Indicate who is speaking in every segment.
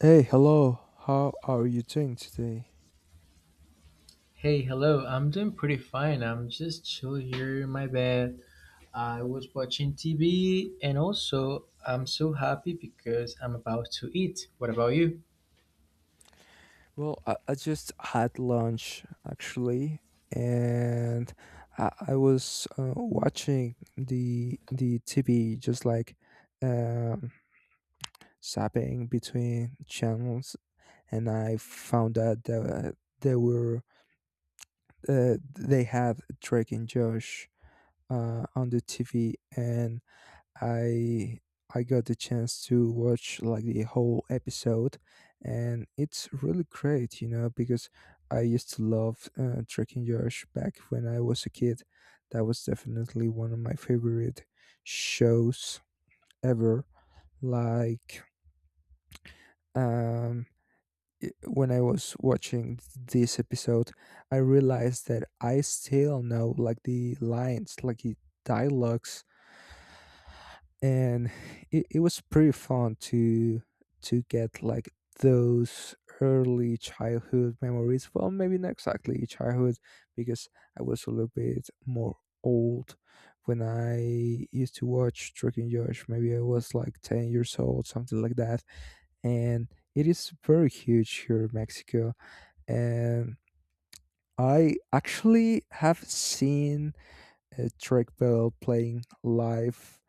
Speaker 1: Hey, hello. How are you doing today?
Speaker 2: Hey, hello. I'm doing pretty fine. I'm just chill here in my bed. I was watching TV and also I'm so happy because I'm about to eat. What about you?
Speaker 1: Well, I just had lunch actually, and I was watching the TV, just like um, zapping between channels, and I found out that they were they had Drake and Josh on the TV, and I I got the chance to watch like the whole episode, and it's really great, you know, because I used to love Drake and Josh back when I was a kid. That was definitely one of my favorite shows ever. Like um when I was watching this episode, I realized that I still know like the lines, like the dialogues, and it was pretty fun to get like those early childhood memories, well, maybe not exactly childhood because I was a little bit more old when I used to watch Drake and Josh. Maybe I was like 10 years old, something like that. And it is very huge here in Mexico, and I actually have seen Drake Bell playing live,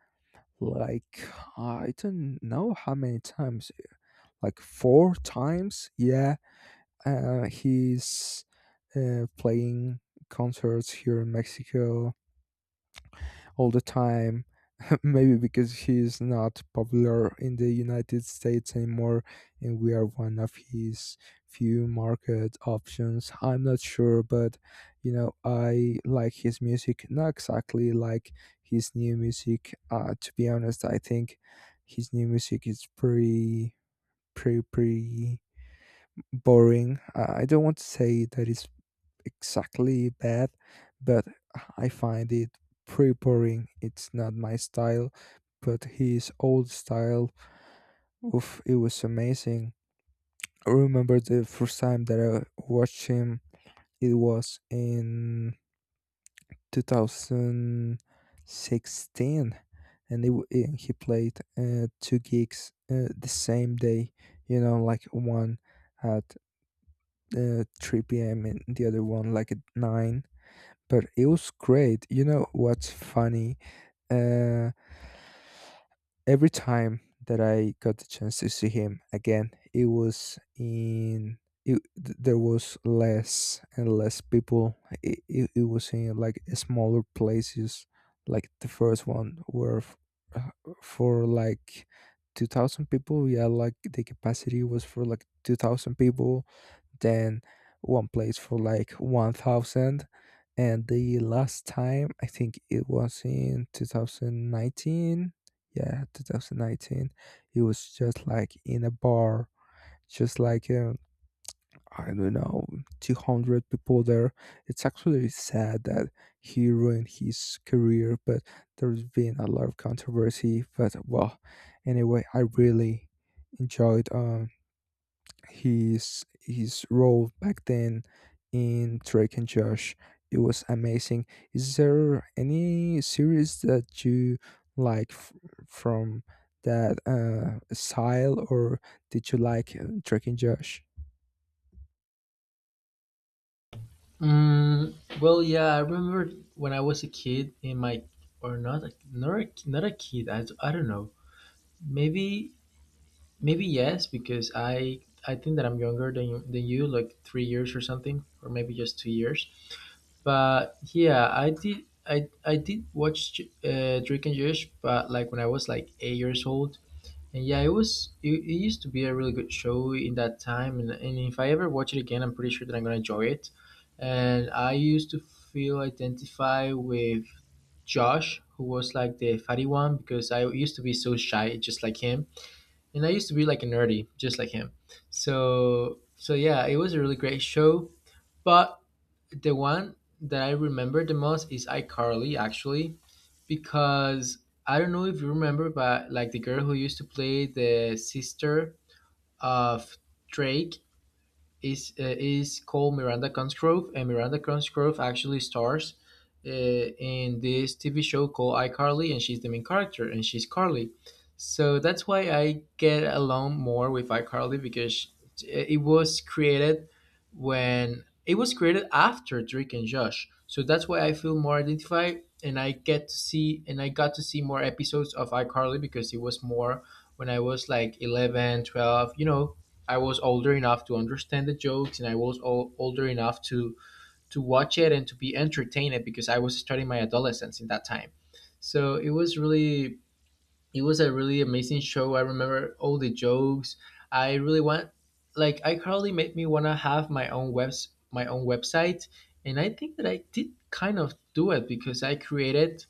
Speaker 1: like I don't know how many times, like four times. Yeah, he's playing concerts here in Mexico all the time. Maybe because he's not popular in the United States anymore, and we are one of his few market options. I'm not sure, but you know, I like his music, not exactly like his new music. To be honest, I think his new music is pretty, pretty, pretty boring. I don't want to say that it's exactly bad, but I find it pretty boring. It's not my style, but his old style, oof, it was amazing. I remember the first time that I watched him, it was in 2016, and he played two gigs the same day, you know, like one. At 3 p.m. and the other one like at 9. But it was great. You know what's funny? Uh, every time that I got the chance to see him again, it was in. There was less and less people. It was in like smaller places. Like the first one were for like 2,000 people. Yeah, like the capacity was for like 2,000 people. Then one place for like 1,000, and the last time I think it was in 2019. Yeah, 2019, it was just like in a bar, just like I don't know, 200 people there. It's actually sad that he ruined his career, but there's been a lot of controversy, but well, anyway, I really enjoyed his role back then in Drake and Josh. It was amazing. Is there any series that you like from that style, or did you like Drake and Josh?
Speaker 2: Mm, well, yeah, I remember when I was a kid in my or not a kid. I don't know. Maybe maybe yes because I think that I'm younger than you like 3 years or something, or maybe just 2 years. But yeah, I did. I did watch Drake and Josh, but like when I was like 8 years old, and yeah, it was it, it used to be a really good show in that time, and if I ever watch it again, I'm pretty sure that I'm gonna enjoy it. And I used to feel identify with Josh, who was like the fatty one, because I used to be so shy, just like him, and I used to be like a nerdy, just like him. So yeah, it was a really great show, but the one that I remember the most is iCarly, actually, because I don't know if you remember, but like the girl who used to play the sister of Drake is called Miranda Cosgrove, and Miranda Cosgrove actually stars in this TV show called iCarly, and she's the main character, and she's Carly. So that's why I get along more with iCarly because it was created when it was created after Drake and Josh. So that's why I feel more identified, and I get to see and I got to see more episodes of iCarly because it was more when I was like 11, 12, you know. I was older enough to understand the jokes, and I was older enough to watch it and to be entertained because I was starting my adolescence in that time. So it was really it was a really amazing show. I remember all the jokes. I really want like I currently made me wanna have my own webs my own website, and I think that I did kind of do it because I created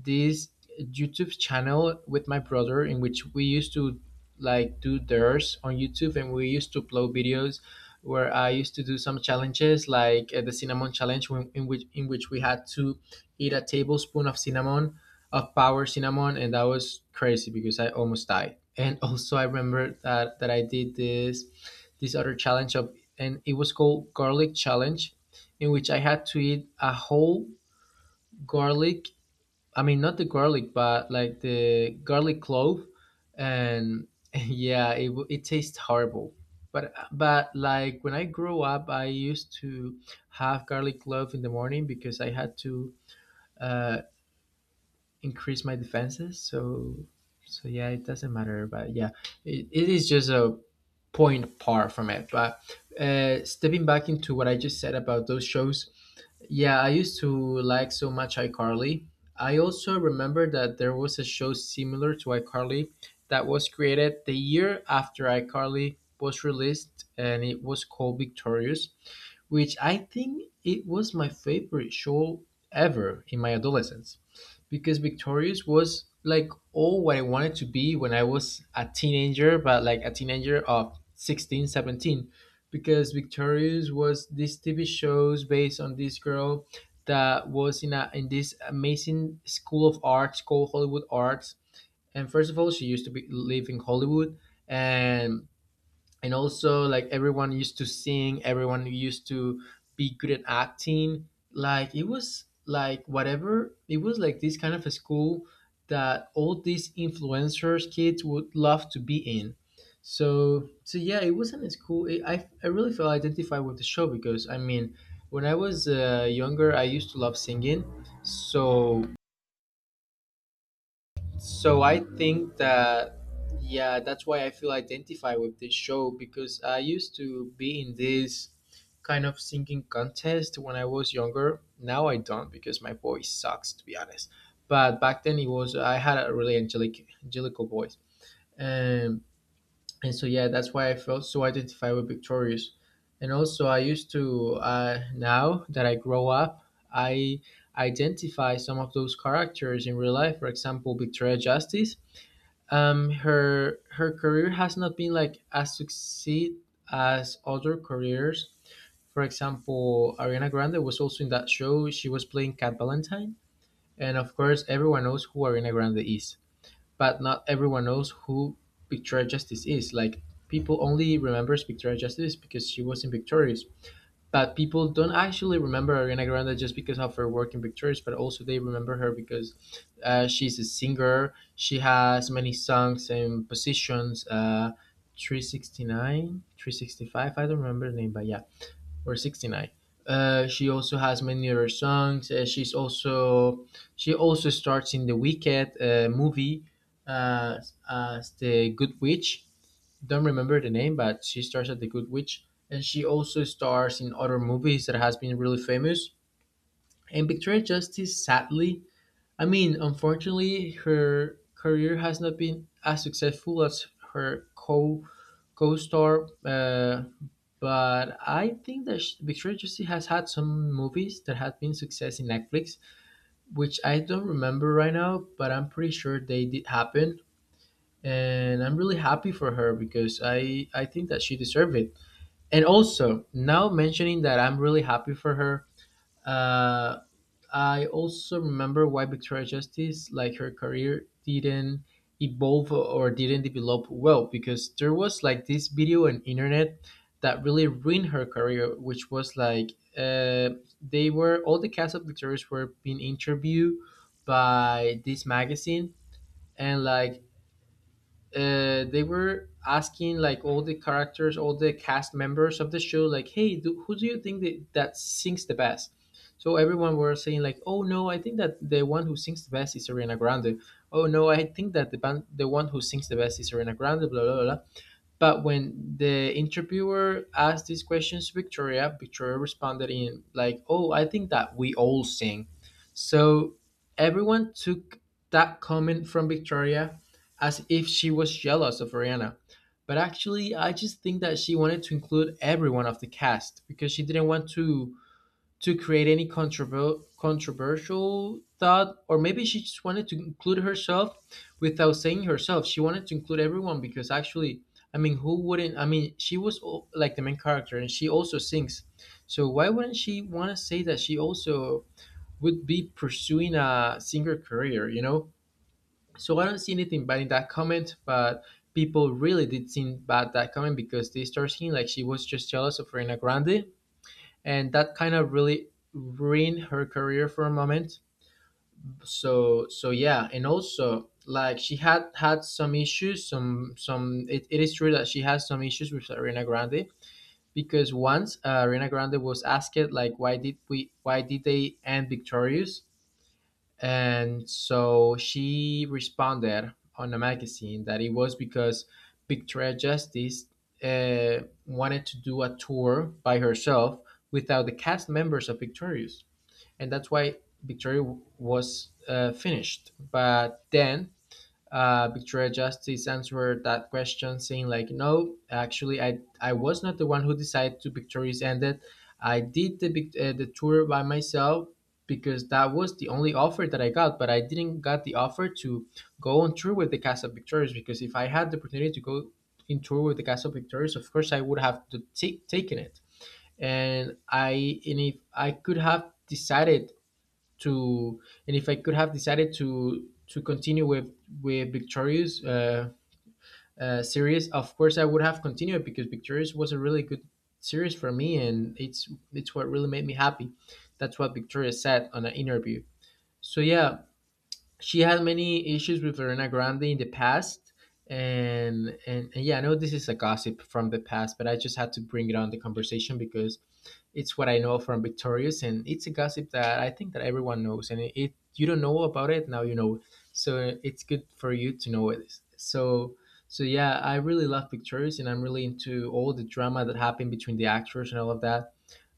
Speaker 2: this YouTube channel with my brother in which we used to like do theirs on YouTube, and we used to upload videos where I used to do some challenges like the cinnamon challenge in which we had to eat a tablespoon of cinnamon of Power Cinnamon, and that was crazy because I almost died. And also, I remember that I did this this other challenge of, and it was called Garlic Challenge, in which I had to eat a whole garlic. I mean, not the garlic, but like the garlic clove, and yeah, it tastes horrible. But like when I grew up, I used to have garlic clove in the morning because I had to. Uh, Increase my defenses. So yeah, it doesn't matter. But yeah, it is just a point apart from it. But stepping back into what I just said about those shows, yeah, I used to like so much iCarly. I also remember that there was a show similar to iCarly that was created the year after iCarly was released, and it was called Victorious, which I think it was my favorite show ever in my adolescence, because Victorious was like all what I wanted to be when I was a teenager, but like a teenager of 16, 17, because Victorious was this TV shows based on this girl that was in a in this amazing school of arts called Hollywood Arts. And first of all, she used to be live in Hollywood, and and also like everyone used to sing, everyone used to be good at acting. Like it was like whatever, it was like this kind of a school that all these influencers kids would love to be in. So yeah, it wasn't as cool it, I really felt identified with the show because I mean when I was younger I used to love singing. So so I think that yeah, that's why I feel identified with this show, because I used to be in this kind of singing contest when I was younger. Now I don't because my voice sucks, to be honest. But back then it was I had a really angelical voice. Um, and so yeah, that's why I felt so identified with Victorious. And also I used to now that I grow up, I identify some of those characters in real life. For example, Victoria Justice, her career has not been like as succeed as other careers. For example, Ariana Grande was also in that show, she was playing Cat Valentine. And of course everyone knows who Ariana Grande is, but not everyone knows who Victoria Justice is. Like people only remembers Victoria Justice because she was in Victoria, but people don't actually remember Ariana Grande just because of her work in Victorious, but also they remember her because she's a singer. She has many songs and positions. 369, 365, I don't remember the name, but yeah, or 69. She also has many other songs. She also starts in the Wicked movie uh, as the Good Witch, don't remember the name, but she stars at The Good Witch, and she also stars in other movies that has been really famous. And Victoria Justice, sadly, I mean, unfortunately, her career has not been as successful as her co co-star. But I think that sh Victoria Justice has had some movies that have been success in Netflix, which I don't remember right now, but I'm pretty sure they did happen. And I'm really happy for her because I think that she deserved it. And also, now mentioning that I'm really happy for her, uh, I also remember why Victoria Justice, like her career, didn't evolve or didn't develop well, because there was like this video and internet that really ruined her career, which was like uh, they were all the cast of Victoria's were being interviewed by this magazine, and like they were asking like all the characters, all the cast members of the show, like, "Hey, do, who do you think that, that sings the best?" So everyone were saying like, "Oh no, I think that the one who sings the best is Ariana Grande." "Oh no, I think that the band, the one who sings the best is Ariana Grande." Blah blah blah blah. But when the interviewer asked these questions to Victoria, Victoria responded in like, "Oh, I think that we all sing." So everyone took that comment from Victoria as if she was jealous of Rihanna. But actually, I just think that she wanted to include everyone of the cast because she didn't want to create any controversial thought, or maybe she just wanted to include herself without saying herself, she wanted to include everyone. Because actually, I mean, who wouldn't? I mean, like the main character, and she also sings, so why wouldn't she want to say that she also would be pursuing a singer career, you know? So I don't see anything bad in that comment, but people really did seem bad that comment because they start seeing like she was just jealous of Ariana Grande, and that kind of really ruined her career for a moment. So yeah. And also like she had had some issues, some it, it is true that she has some issues with Ariana Grande, because once Ariana Grande was asked like why did they end Victorious, and so she responded on a magazine that it was because Victoria Justice uh, wanted to do a tour by herself without the cast members of Victorious. And that's why was finished. But then Victoria Justice answered that question, saying like, "No, actually, I was not the one who decided to victories ended. I did the tour by myself because that was the only offer that I got. But I didn't got the offer to go on tour with the cast of Victorious, because if I had the opportunity to go in tour with the cast of Victorious, of course I would have to take taken it. And I and if I could have decided to And if I could have decided to continue with Victorious series, of course I would have continued, because Victorious was a really good series for me, and it's what really made me happy." That's what Victoria said on an interview. So yeah, she had many issues with Ariana Grande in the past, and yeah, I know this is a gossip from the past, but I just had to bring it on the conversation because it's what I know from Victorious, and it's a gossip that I think that everyone knows. And if you don't know about it, now you know. So it's good for you to know it. So yeah, I really love Victorious, and I'm really into all the drama that happened between the actors and all of that.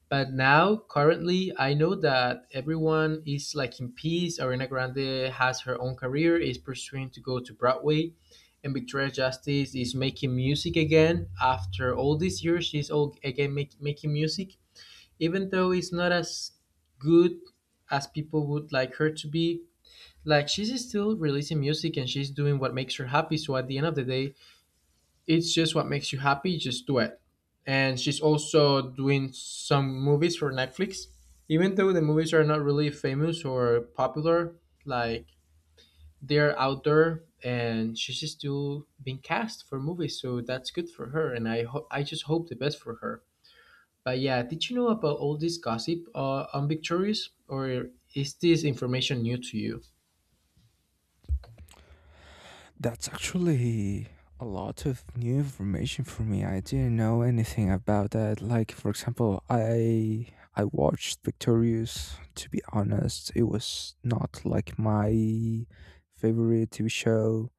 Speaker 2: But now, currently, I know that everyone is like in peace. Ariana Grande has her own career, is pursuing to go to Broadway, and Victoria Justice is making music again after all these years. She's all again making music, even though it's not as good as people would like her to be. Like, she's still releasing music and she's doing what makes her happy, so at the end of the day, it's just what makes you happy, just do it. And she's also doing some movies for Netflix, even though the movies are not really famous or popular. Like, they're out there and she's still being cast for movies, so that's good for her, and I just hope the best for her. But yeah, did you know about all this gossip on Victorious, or is this information new to you?
Speaker 1: That's actually a lot of new information for me. I didn't know anything about that. Like for example, I watched Victorious. To be honest, it was not like my favorite TV show.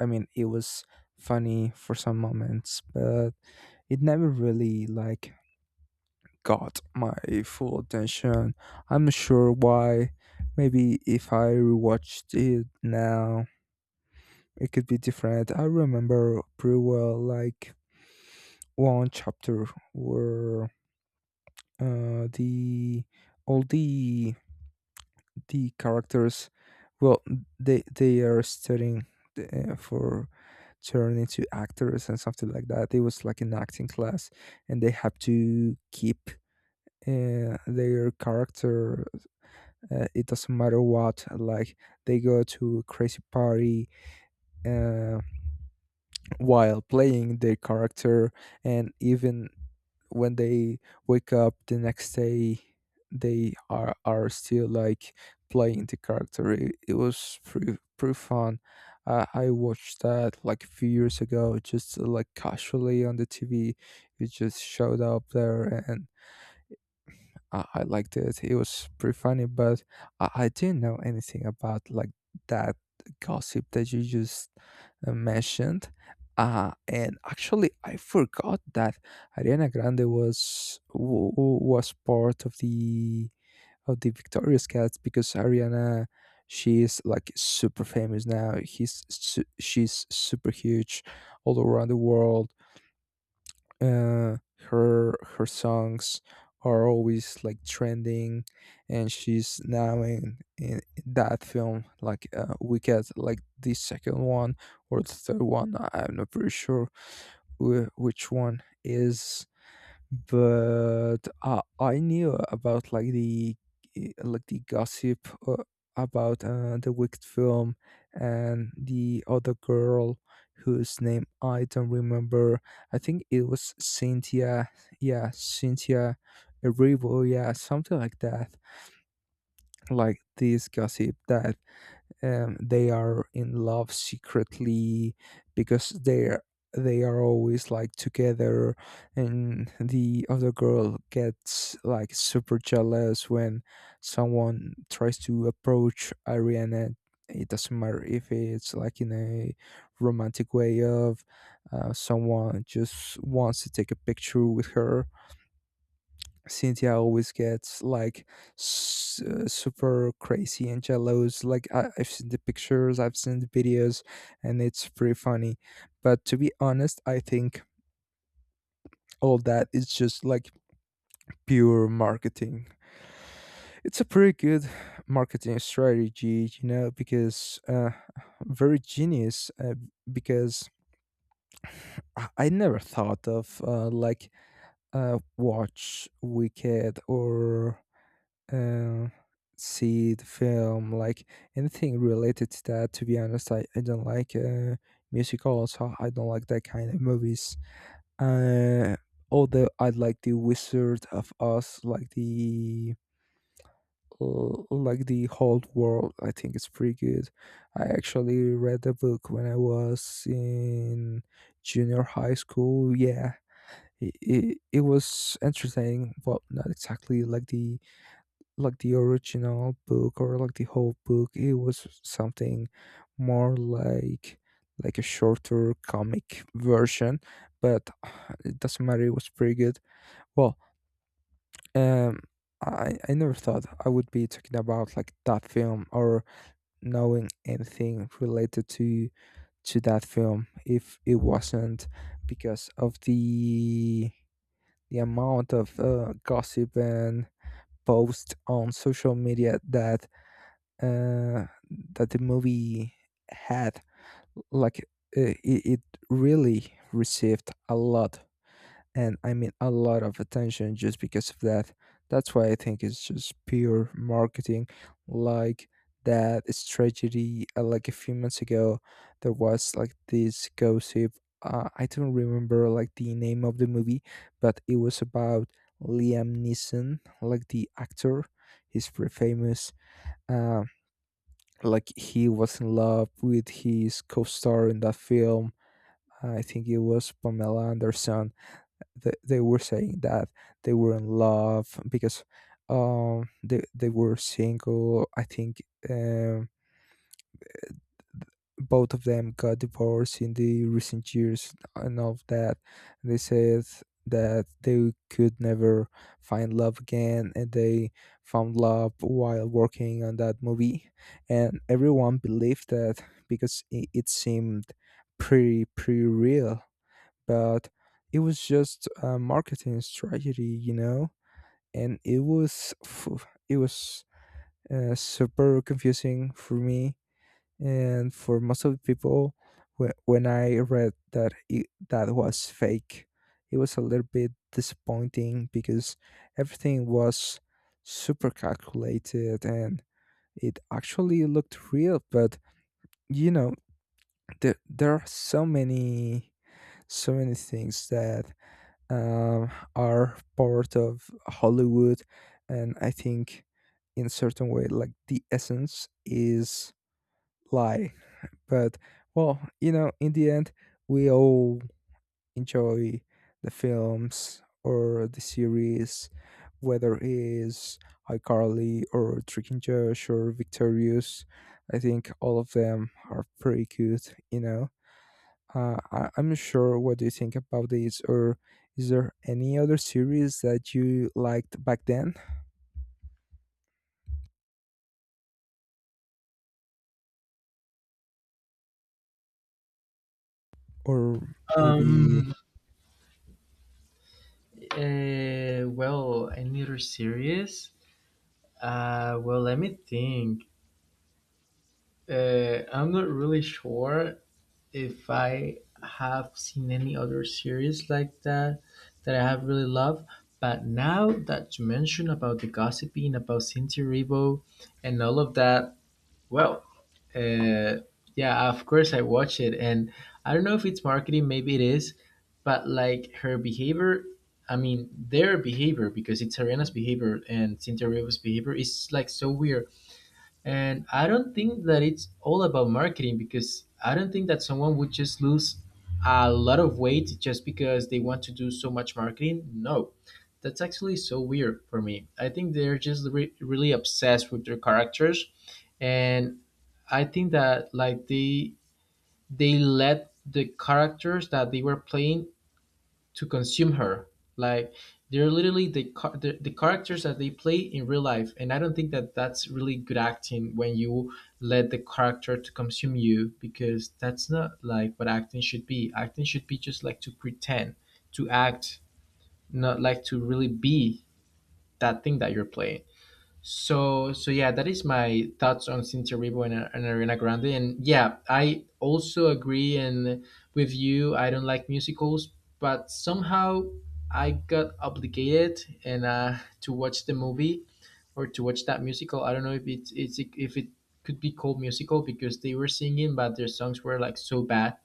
Speaker 1: I mean, it was funny for some moments, but it never really like got my full attention. I'm not sure why. Maybe if I rewatched it now, it could be different. I remember pretty well, like one chapter where uh, the all the the characters, well, they are studying for turn into actors and something like that. It was like an acting class, and they have to keep their character. It doesn't matter what. Like they go to a crazy party. Uh, while playing their character, and even when they wake up the next day, they are still like playing the character. It was pretty, pretty fun. I watched that like a few years ago, just like casually on the TV. It just showed up there, and I liked it. It was pretty funny, but I didn't know anything about like that gossip that you just mentioned. And actually, I forgot that Ariana Grande was was part of the Victoria's Cats because Ariana, she is like super famous now. She's super huge all around the world. uh, her songs are always like trending, and she's now in that film, like we get like the second one or the third one. I'm not pretty sure which one is, but I knew about like the like the gossip about the Wicked film and the other girl whose name I don't remember. I think it was Cynthia. Yeah, Cynthia Erivo. Yeah, something like that. Like this gossip that they are in love secretly, because they are always like together, and the other girl gets like super jealous when someone tries to approach Ariana. It doesn't matter if it's like in a romantic way, of someone just wants to take a picture with her. Cynthia always gets like super crazy and jealous. Like I've seen the pictures, I've seen the videos, and it's pretty funny. But to be honest, I think all that is just like pure marketing. It's a pretty good marketing strategy, you know, because very genius. Because I never thought of like a watch Wicked or uh, see the film, like anything related to that. To be honest, I don't like musicals. So I don't like that kind of movies. Uh, although I like the Wizard of Oz, like the like the whole world. I think it's pretty good. I actually read the book when I was in junior high school. Yeah. It was entertaining, but not exactly like the original book or like the whole book. It was something more like a shorter comic version, but it doesn't matter, it was pretty good. Well, um I never thought I would be talking about like that film, or knowing anything related to that film if it wasn't because of the amount of gossip and posts on social media that uh, that the movie had. Like it really received a lot, and I mean a lot of attention just because of that. That's why I think it's just pure marketing. Like that strategy, like a few months ago there was like this gossip, I don't remember like the name of the movie, but it was about Liam Neeson, like the actor, he's pretty famous. Uh like he was in love with his co-star in that film. I think it was Pamela Anderson. They were saying that they were in love because they were single, I think. um Both of them got divorced in the recent years and all of that. They said that they could never find love again, and they found love while working on that movie. And everyone believed that because it seemed pretty, pretty real, but it was just a marketing strategy, you know? And it was, phew, it was super confusing for me and for most of the people when I read that it, that was fake. It was a little bit disappointing because everything was super calculated, and it actually looked real, but you know, there are so many so many things that are part of Hollywood, and I think in certain way like the essence is lie, but well, you know, in the end, we all enjoy the films or the series, whether it's iCarly or Drake and Josh or Victorious. I think all of them are pretty good. You know, I'm not sure what do you think about this, or is there any other series that you liked back then, or maybe.
Speaker 2: Um. Well, any other series? Well, let me think. I'm not really sure if I have seen any other series like that that I have really loved. But now that you mentioned about the gossiping about Cynthia Erivo and all of that, well, uh, yeah, of course I watch it, and I don't know if it's marketing, maybe it is, but like her behavior, I mean their behavior, because it's Serena's behavior and Cynthia Riva's behavior is like so weird, and I don't think that it's all about marketing because I don't think that someone would just lose a lot of weight just because they want to do so much marketing. No. That's actually so weird for me. I think they're just really obsessed with their characters, and I think that like they let the characters that they were playing to consume her. Like, they're literally the the characters that they play in real life, and I don't think that that's really good acting when you let the character to consume you because that's not like what acting should be. Acting should be just like to pretend, to act, not like to really be that thing that you're playing. So yeah, that is my thoughts on Cynthia Erivo and Ariana Grande. And yeah, I also agree and with you. I don't like musicals, but somehow I got obligated, and to watch the movie or to watch that musical. I don't know if it's it's if it could be called musical because they were singing, but their songs were like so bad.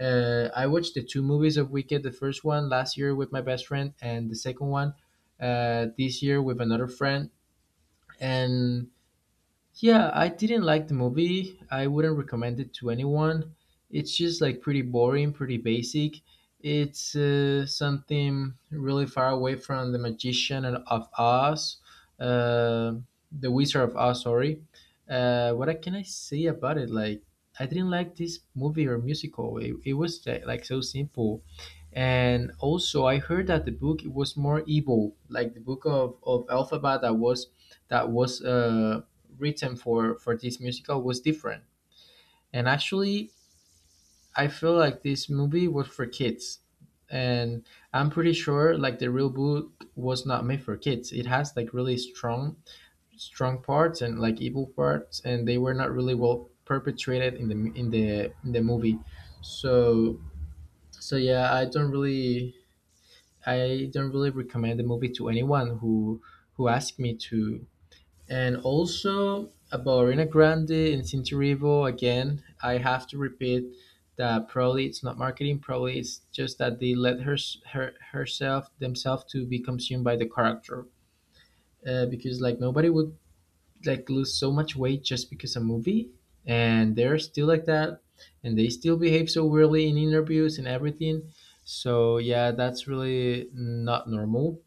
Speaker 2: I watched the two movies of Wicked. The first one last year with my best friend, and the second one this year with another friend. And yeah, I didn't like the movie. I wouldn't recommend it to anyone. It's just like pretty boring, pretty basic. It's something really far away from The Magician and of Oz, uh, The Wizard of Oz, sorry. Can I say about it? Like, I didn't like this movie or musical. It was like so simple. And also, I heard that the book it was more evil, like the book of Alphabet that was written for this musical was different. And actually, I feel like this movie was for kids, and I'm pretty sure like the real book was not made for kids. It has like really strong parts and like evil parts, and they were not really well perpetrated in the movie. So so yeah, I don't really recommend the movie to anyone who asked me to. And also about Ariana Grande and Cinturrivo, again, I have to repeat that probably it's not marketing. Probably it's just that they let herself themselves to be consumed by the character, because like nobody would like lose so much weight just because a movie, and they're still like that, and they still behave so weirdly in interviews and everything. So yeah, that's really not normal,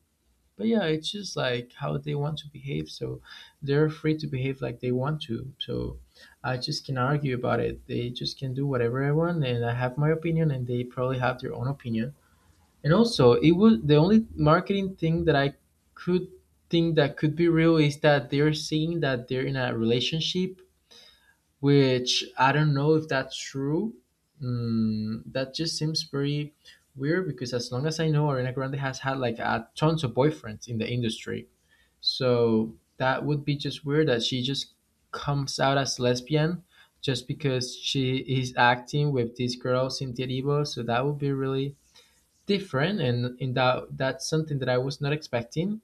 Speaker 2: but yeah, it's just like how they want to behave, so they're free to behave like they want to. So I just can argue about it. They just can do whatever I want, and I have my opinion, and they probably have their own opinion. And also, it was the only marketing thing that I could think that could be real is that they're seeing that they're in a relationship, which I don't know if that's true. That just seems very weird because as long as I know, Ariana Grande has had like a tons of boyfriends in the industry, so that would be just weird that she just comes out as lesbian just because she is acting with this girl Cynthia Erivo. So that would be really different, and in that that's something that I was not expecting.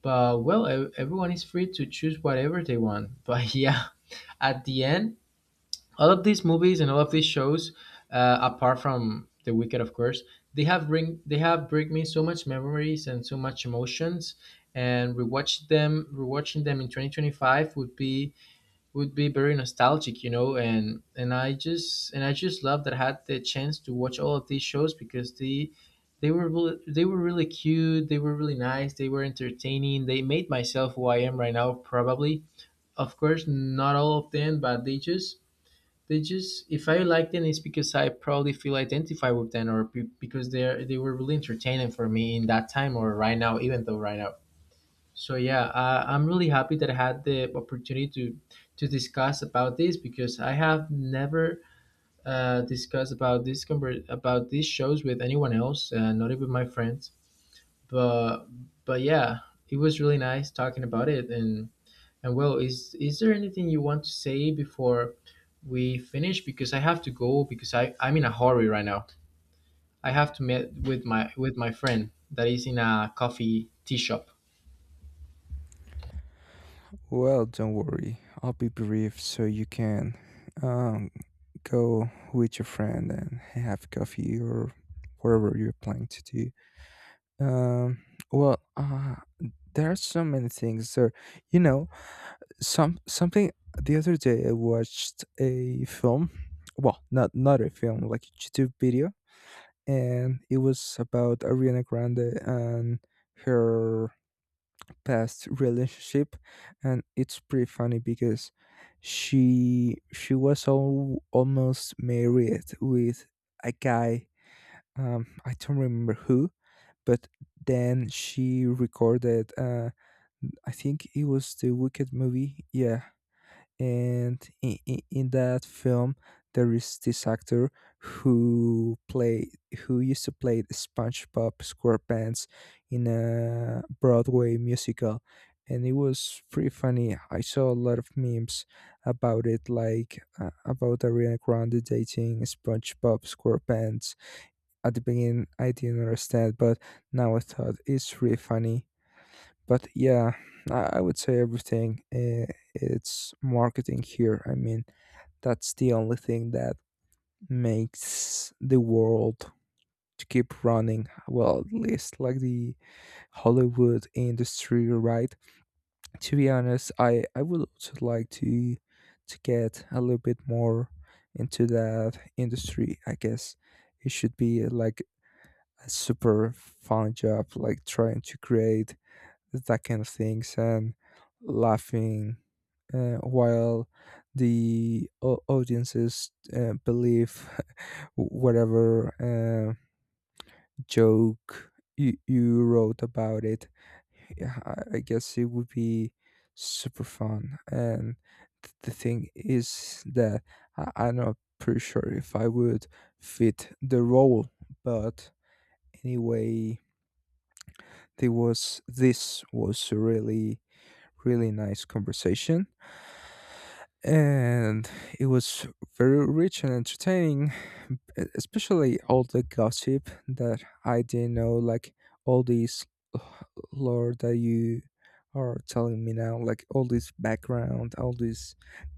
Speaker 2: But well, everyone is free to choose whatever they want. But yeah, at the end, all of these movies and all of these shows, apart from The Wicked, of course, they have bring me so much memories and so much emotions. And rewatching them in 2025 would be very nostalgic, you know. And I just love that I had the chance to watch all of these shows because they were really cute, they were really nice, they were entertaining. They made myself who I am right now, probably. Of course, not all of them, but they just, if I like them, it's because I probably feel identified with them, or because they were really entertaining for me in that time, or right now, even though right now. So yeah, I'm really happy that I had the opportunity to discuss about this because I have never discussed about this about these shows with anyone else, not even my friends. But but yeah, it was really nice talking about it. And well, is there anything you want to say before we finish? Because I have to go because I'm in a hurry right now. I have to meet with my friend that is in a coffee tea shop.
Speaker 1: Well, don't worry. I'll be brief, so you can um, go with your friend and have coffee or whatever you're planning to do. Um, well, there are so many things there. You know, something the other day I watched a film. Well, not a film, like a YouTube video, and it was about Ariana Grande and her past relationship, and it's pretty funny because she was all, almost married with a guy, I don't remember who, but then she recorded I think it was the Wicked movie. Yeah. And in that film there is this actor who play who used to play the SpongeBob SquarePants in a Broadway musical, and it was pretty funny. I saw a lot of memes about it, like about Ariana Grande dating SpongeBob SquarePants. At the beginning I didn't understand, but now I thought it's really funny. But yeah, I would say everything. It's marketing here. I mean, that's the only thing that makes the world to keep running. Well, at least like the Hollywood industry, right? To be honest, I would also like to get a little bit more into that industry. I guess it should be like a super fun job, like trying to create that kind of things, and laughing while the audiences believe whatever uh, joke you wrote about it. Yeah, I guess it would be super fun. And the thing is that I'm not pretty sure if I would fit the role, but anyway, there was this was a really really nice conversation. And it was very rich and entertaining, especially all the gossip that I didn't know, like all these uh, lore that you are telling me now, like all this background, all this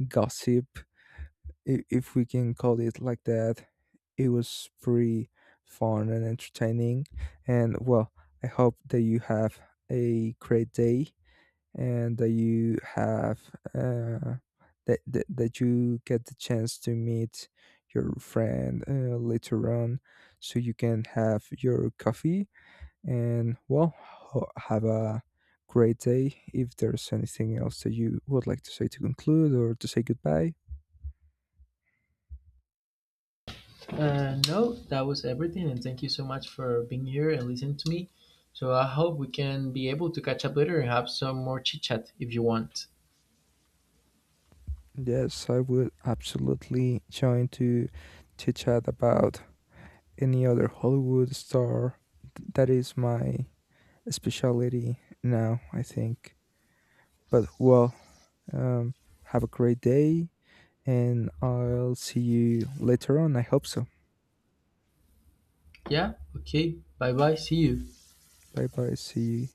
Speaker 1: gossip, if we can call it like that. It was pretty fun and entertaining. And well, I hope that you have a great day, and that you have that you get the chance to meet your friend later on so you can have your coffee, and well, have a great day. If there's anything else that you would like to say to conclude or to say goodbye.
Speaker 2: No, that was everything, and thank you so much for being here and listening to me. So I hope we can be able to catch up later and have some more chit chat if you want.
Speaker 1: Yes, I would absolutely join to chit chat about any other Hollywood star. That is my specialty now, I think. But well, um, have a great day, and I'll see you later on. I hope so.
Speaker 2: Yeah. Okay. Bye bye. See you.
Speaker 1: Bye bye. See you.